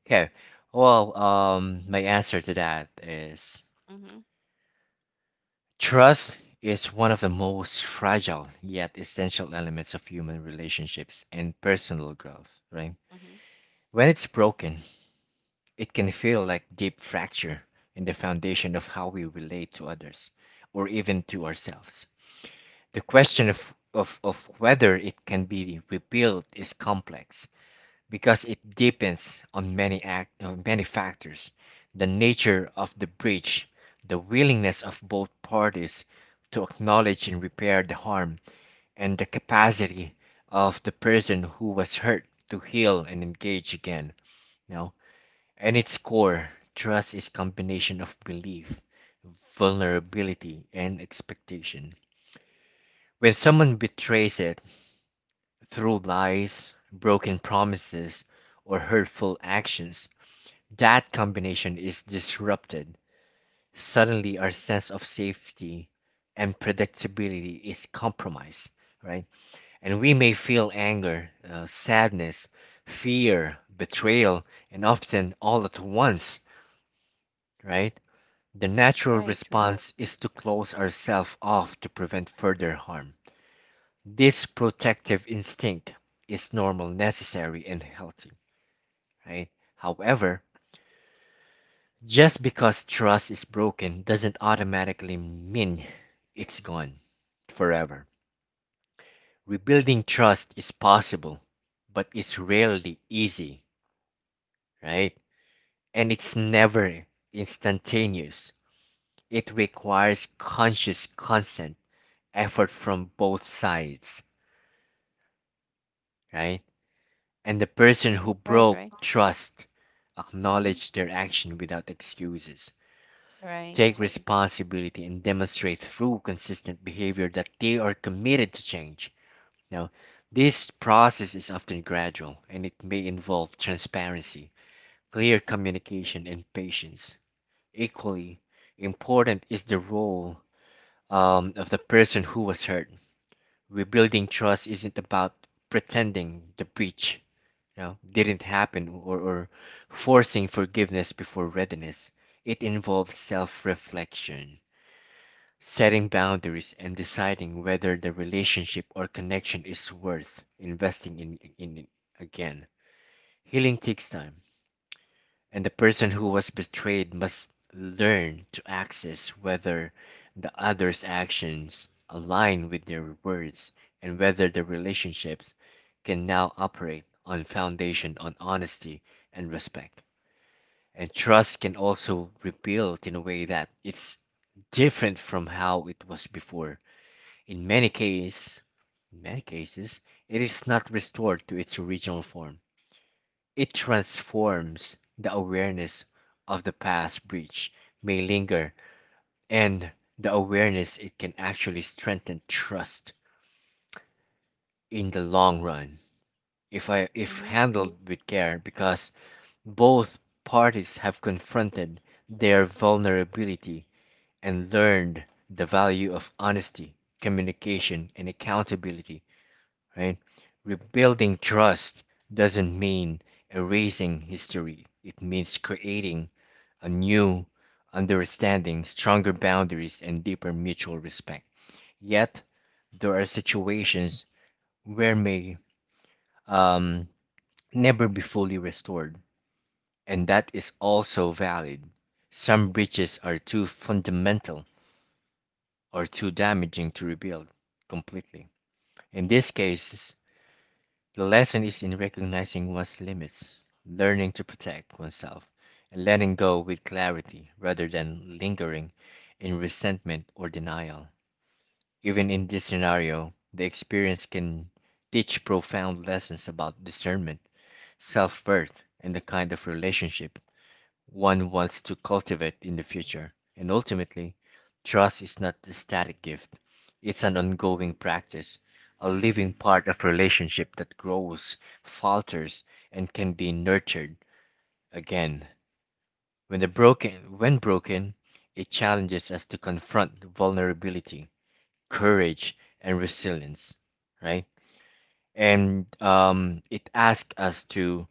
Okay, well, my answer to that is Mhm. trust is one of the most fragile yet essential elements of human relationships and personal growth, right? Mhm. When it's broken, it can feel like deep fracture in the foundation of how we relate to others or even to ourselves. The question of whether it can be rebuilt is complex because it depends on many factors, the nature of the breach, the willingness of both parties to acknowledge and repair the harm, and the capacity of the person who was hurt to heal and engage again. You know? At its core, trust is combination of belief, vulnerability, and expectation. When someone betrays it through lies, broken promises, or hurtful actions, that combination is disrupted. Suddenly, our sense of safety and predictability is compromised, right? And we may feel anger, sadness, fear, betrayal, and often all at once, right? The natural Right, right. response is to close ourselves off to prevent further harm. This protective instinct is normal, necessary, and healthy, right? However, just because trust is broken doesn't automatically mean it's gone forever. Rebuilding trust is possible, but it's rarely easy, right? And it's never instantaneous. It requires conscious consent, effort from both sides right? And the person who Right, broke right. trust Mhm. acknowledge their action without excuses, Right. take responsibility, and demonstrate through consistent behavior that they are committed to change. Now, this process is often gradual and it may involve transparency, clear communication, and patience. Equally important is the role of the person who was hurt. Rebuilding trust isn't about pretending the breach didn't happen or forcing forgiveness before readiness. It involves self reflection, setting boundaries, and deciding whether the relationship or connection is worth investing in it again. Healing takes time, and the person who was betrayed must learn to access whether the other's actions align with their words and whether the relationships can now operate on foundation on honesty and respect. And trust can also rebuild in a way that it's different from how it was before. In many cases, in many cases, it is not restored to its original form it transforms the awareness of the past breach may linger and the awareness it can actually strengthen trust in the long run if Mhm. handled with care because both parties have confronted their vulnerability and learned the value of honesty, communication and accountability, right? Rebuilding trust doesn't mean erasing history. It means creating a new understanding, stronger boundaries, and deeper mutual respect. Yet, there are situations where may um, never be fully restored, and that is also valid. Some breaches are too fundamental or too damaging to rebuild completely. In these cases, the lesson is in recognizing one's limits, learning to protect oneself, and letting go with clarity rather than lingering in resentment or denial. Even in this scenario, the experience can teach profound lessons about discernment, self worth, and the kind of relationship one wants to cultivate in the future. And ultimately, trust is not a static gift, it's an ongoing practice, a living part of relationship that grows, falters, and can be nurtured again. When the broken when broken, it challenges us to confront vulnerability courage, and resilience, right? And it asks us to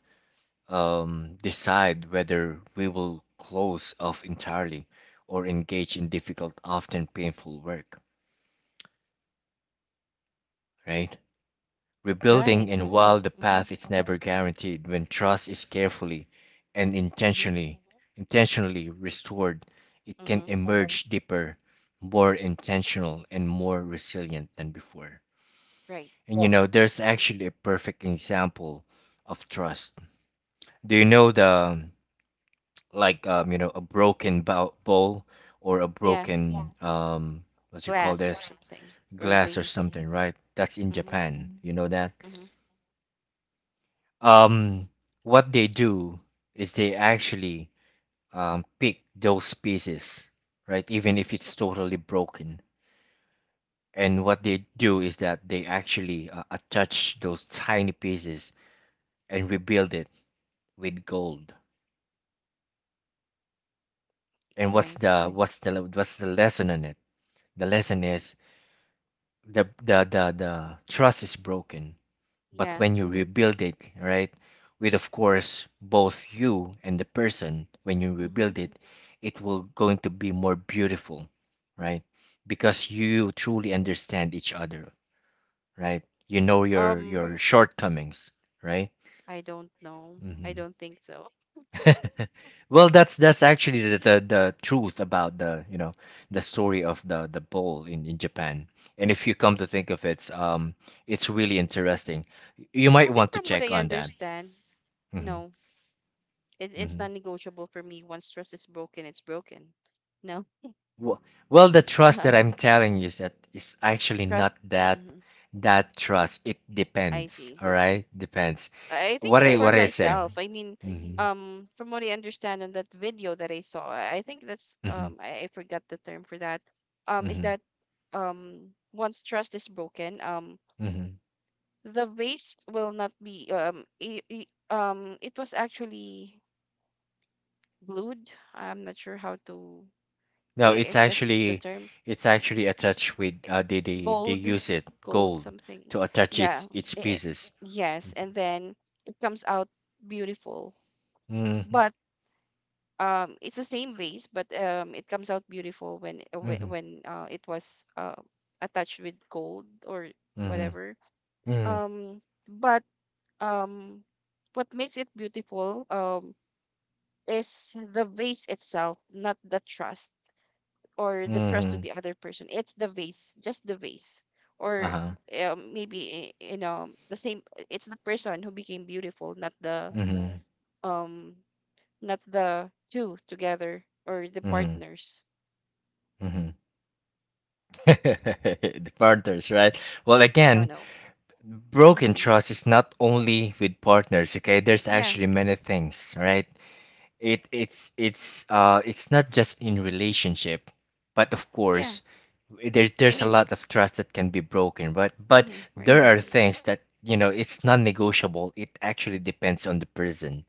decide whether we will close off entirely or engage in difficult, often painful work, right? Rebuilding, Right. and while the Mhm. path is never guaranteed, when trust is carefully and Mhm. intentionally restored, it can Mhm. emerge deeper, more intentional, and more resilient than before. Right. And you know, there's actually a perfect example of trust. Do you know the like you know a bowl or a Yeah. broken what you call Glass or this something or glass or vase. something, right? That's in Mhm. Japan. You know that. Mhm. Um, what they do is they actually pick those pieces, right? Even if it's totally broken. And what they do is that they actually attach those tiny pieces and rebuild it with gold. And what's Right. the what's the what's the lesson in it? The lesson is the trust is broken, but Yeah. when you rebuild it, right? With of course both you and the person, when you Mhm. rebuild it, it will going to be more beautiful, right? Because you truly understand each other, right? You know your Um your shortcomings, right? I don't know. I Hmm. don't think so. Well, that's actually the truth about the you know the story of the bowl in Japan. And if you come to think of it, it's really interesting. You I might think want to from what check I on that. understand, Hmm. no. It's Hmm. non-negotiable for me. Once trust is broken, it's broken. No, Well, well, the trust that uh, I'm telling you is that it's actually trust. not that Mhm. that trust. It I see. depends. All right, depends. I think What it's I for what I say. myself. I mean, Hmm. From what I understand on that video that I saw, I think that's Hmm. I forgot the term for that. Is Hmm. that once trust is broken, Hmm. the vase will not be I it was actually glued. I'm not sure how to i- No, if that's the term. it's actually attached with they Gold, use it gold gold something. to attach Yeah. its Eh, pieces. yes, and then it comes out beautiful. Mm-hmm. But um, it's the same vase, but um, it comes out beautiful when uh, whe- Mm-hmm. when uh, it was attached with gold or Mm-hmm. whatever, Mm-hmm. um but um what makes it beautiful is the vase itself, not the trust or the trust to Mm-hmm. the other person. It's the vase, just the vase, or Uh-huh. Maybe you know the same. It's the person who became beautiful, not the Mm-hmm. um, not the two together or the Mm-hmm. partners. Mm-hmm. The partners, right? Well, No, again, no. broken Mm-hmm. trust is not only with partners, okay? There's Yeah, actually many things, right? It it's not just in relationship, but of yeah. course there's I mean, there's a lot of trust that can be broken, but mm-hmm, right. there are things that you know it's non-negotiable. It actually depends on the person,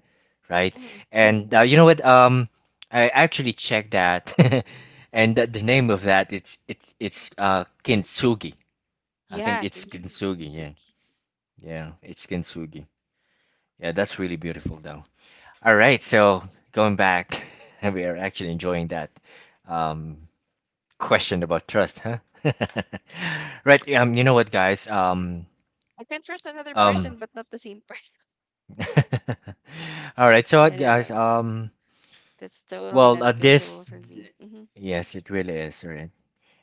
right? Mm-hmm. And you know what? I actually checked that, and the name of that it's kintsugi. I think Yeah, it's kintsugi. Yeah, Kintsugi. yeah, it's kintsugi. Yeah, that's really beautiful though. All right, so going back, we are actually enjoying that um, question about trust, huh? Right, you know what, guys? I can trust another person, um, but not the same person. all right, so No, what, no, guys? no. That's totally Well, this, non-negotiable for me. Mm-hmm. yes, it really is, right?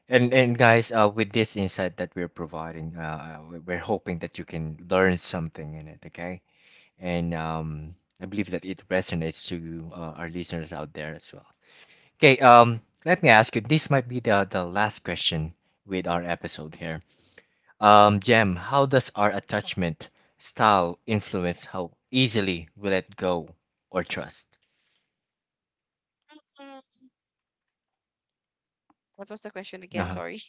And guys, with this insight that we're providing, we- we're hoping that you can learn something in it, okay? And I believe that it resonates to our listeners out there as well. Okay, let me ask you. This might be the last question with our episode here. Jem, how does our attachment style influence how easily we let go or trust? Mm-hmm. What was the question again? Uh-huh. Sorry.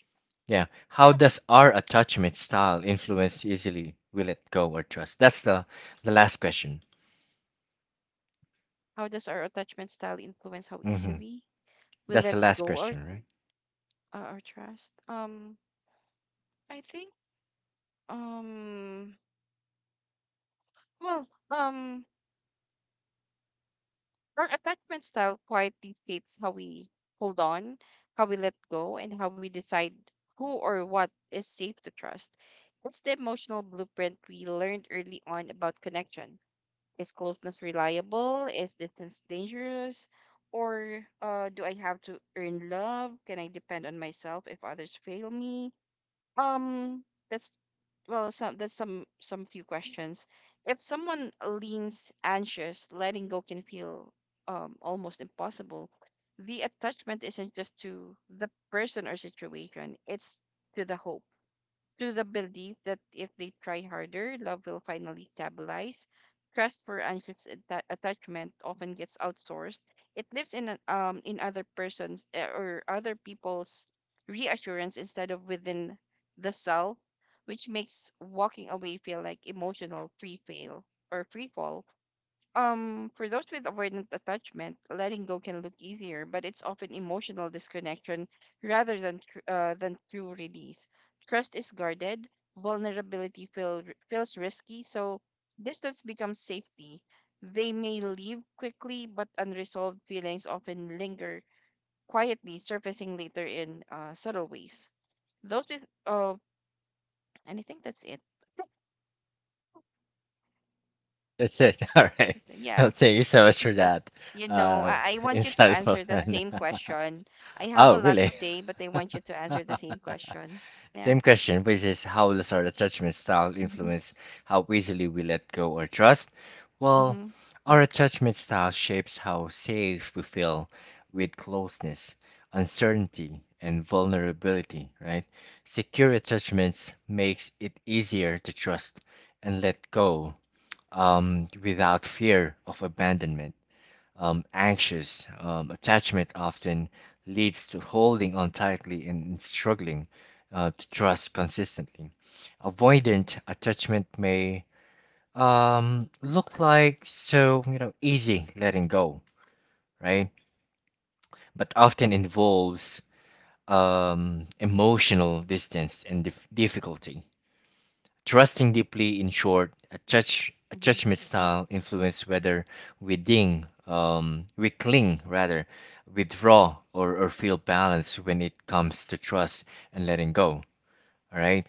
Yeah. How does our attachment style influence easily we let go or trust? That's the last question. How does our attachment style influence how Mm-hmm. easily we That's the let last go or question, right? Our trust? I think um, well, our attachment style quietly shapes how we hold on, how we let go, and how we decide who or what is safe to trust. It's the emotional blueprint we learned early on about connection. Is closeness reliable? Is distance dangerous? Or do I have to earn love? Can I depend on myself if others fail me? Um, that's that's some few questions. If someone leans anxious, letting go can feel almost impossible. The attachment isn't just to the person or situation; it's to the hope to the belief that if they try harder, love will finally stabilize. Trust for attachment often gets outsourced. It lives in an, in other persons or other people's reassurance instead of within the self, which makes walking away feel like emotional free fail or free fall. For those with avoidant attachment, letting go can look easier, but it's often emotional disconnection rather than true release. Trust is guarded, vulnerability feel, feels risky, so distance becomes safety. They may leave quickly, but unresolved feelings often linger quietly, surfacing later in subtle ways. Those with and I think that's it. That's it. All right. So, yeah. I'll thank you so much for Because that. you know Uh, I want you to insightful. answer that same question. I have oh, a lot to really? say, but I want you to answer the same question. Yeah. Same question raises how does our attachment style Mm-hmm. influence how easily we let go or trust? Well, Mm-hmm. our attachment style shapes how safe we feel with closeness, uncertainty, and vulnerability, right? Secure attachments makes it easier to trust and let go without fear of abandonment, anxious attachment often leads to holding on tightly and struggling to trust consistently. Avoidant attachment may look like so you know easy letting go, right? But often involves emotional distance and difficulty trusting deeply. In short, a judge, a Mm-hmm. judgment style influence whether we ding, we cling rather, withdraw or feel balance when it comes to trust and letting go. All right.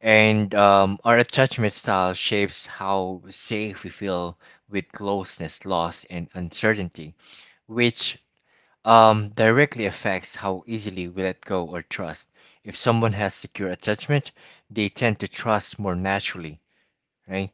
And our attachment style shapes how safe we feel with closeness, loss, and uncertainty, which directly affects how easily we let go or trust. If someone has secure attachment, they tend to trust more naturally, right?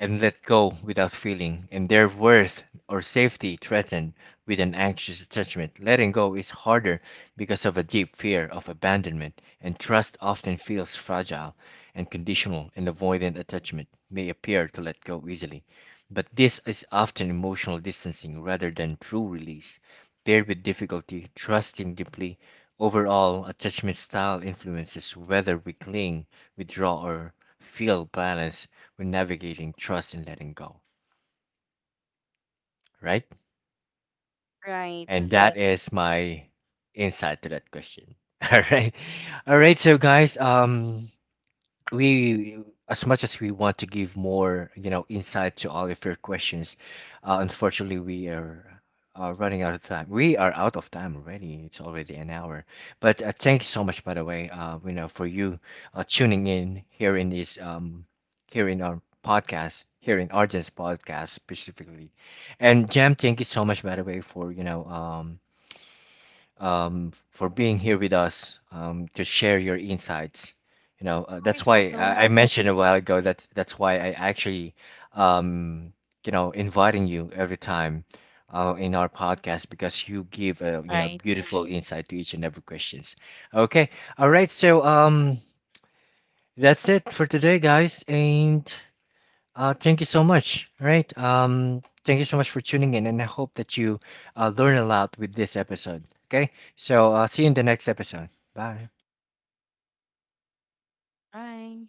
And let go without feeling and their worth or safety threatened with an anxious attachment. Letting go is harder because of a deep fear of abandonment, and trust often feels fragile and conditional, and avoidant attachment may appear to let go easily. But this is often emotional distancing rather than true release. Paired with difficulty, trusting deeply, overall attachment style influences whether we cling, withdraw, or feel balance with navigating trust and letting go, right? Right. And that is my insight to that question. All right. All right, so guys, we, as much as we want to give more you know insight to all of your questions, unfortunately we are running out of time. We are out of time already. It's already an hour, but thank you so much by the way, you know, for you tuning in here in this here in our podcast, here in Arden's podcast specifically. And Jam, thank you so much by the way for for being here with us, to share your insights. You know, Always that's why welcome. I mentioned a while ago that that's why I actually, um, you know, inviting you every time in our podcast because you give a you know Right. beautiful insight to each and every questions. Okay, all right, so that's it for today, guys, and thank you so much. Right. Thank you so much for tuning in, and I hope that you learn a lot with this episode. Okay. So, see you in the next episode. Bye. Bye.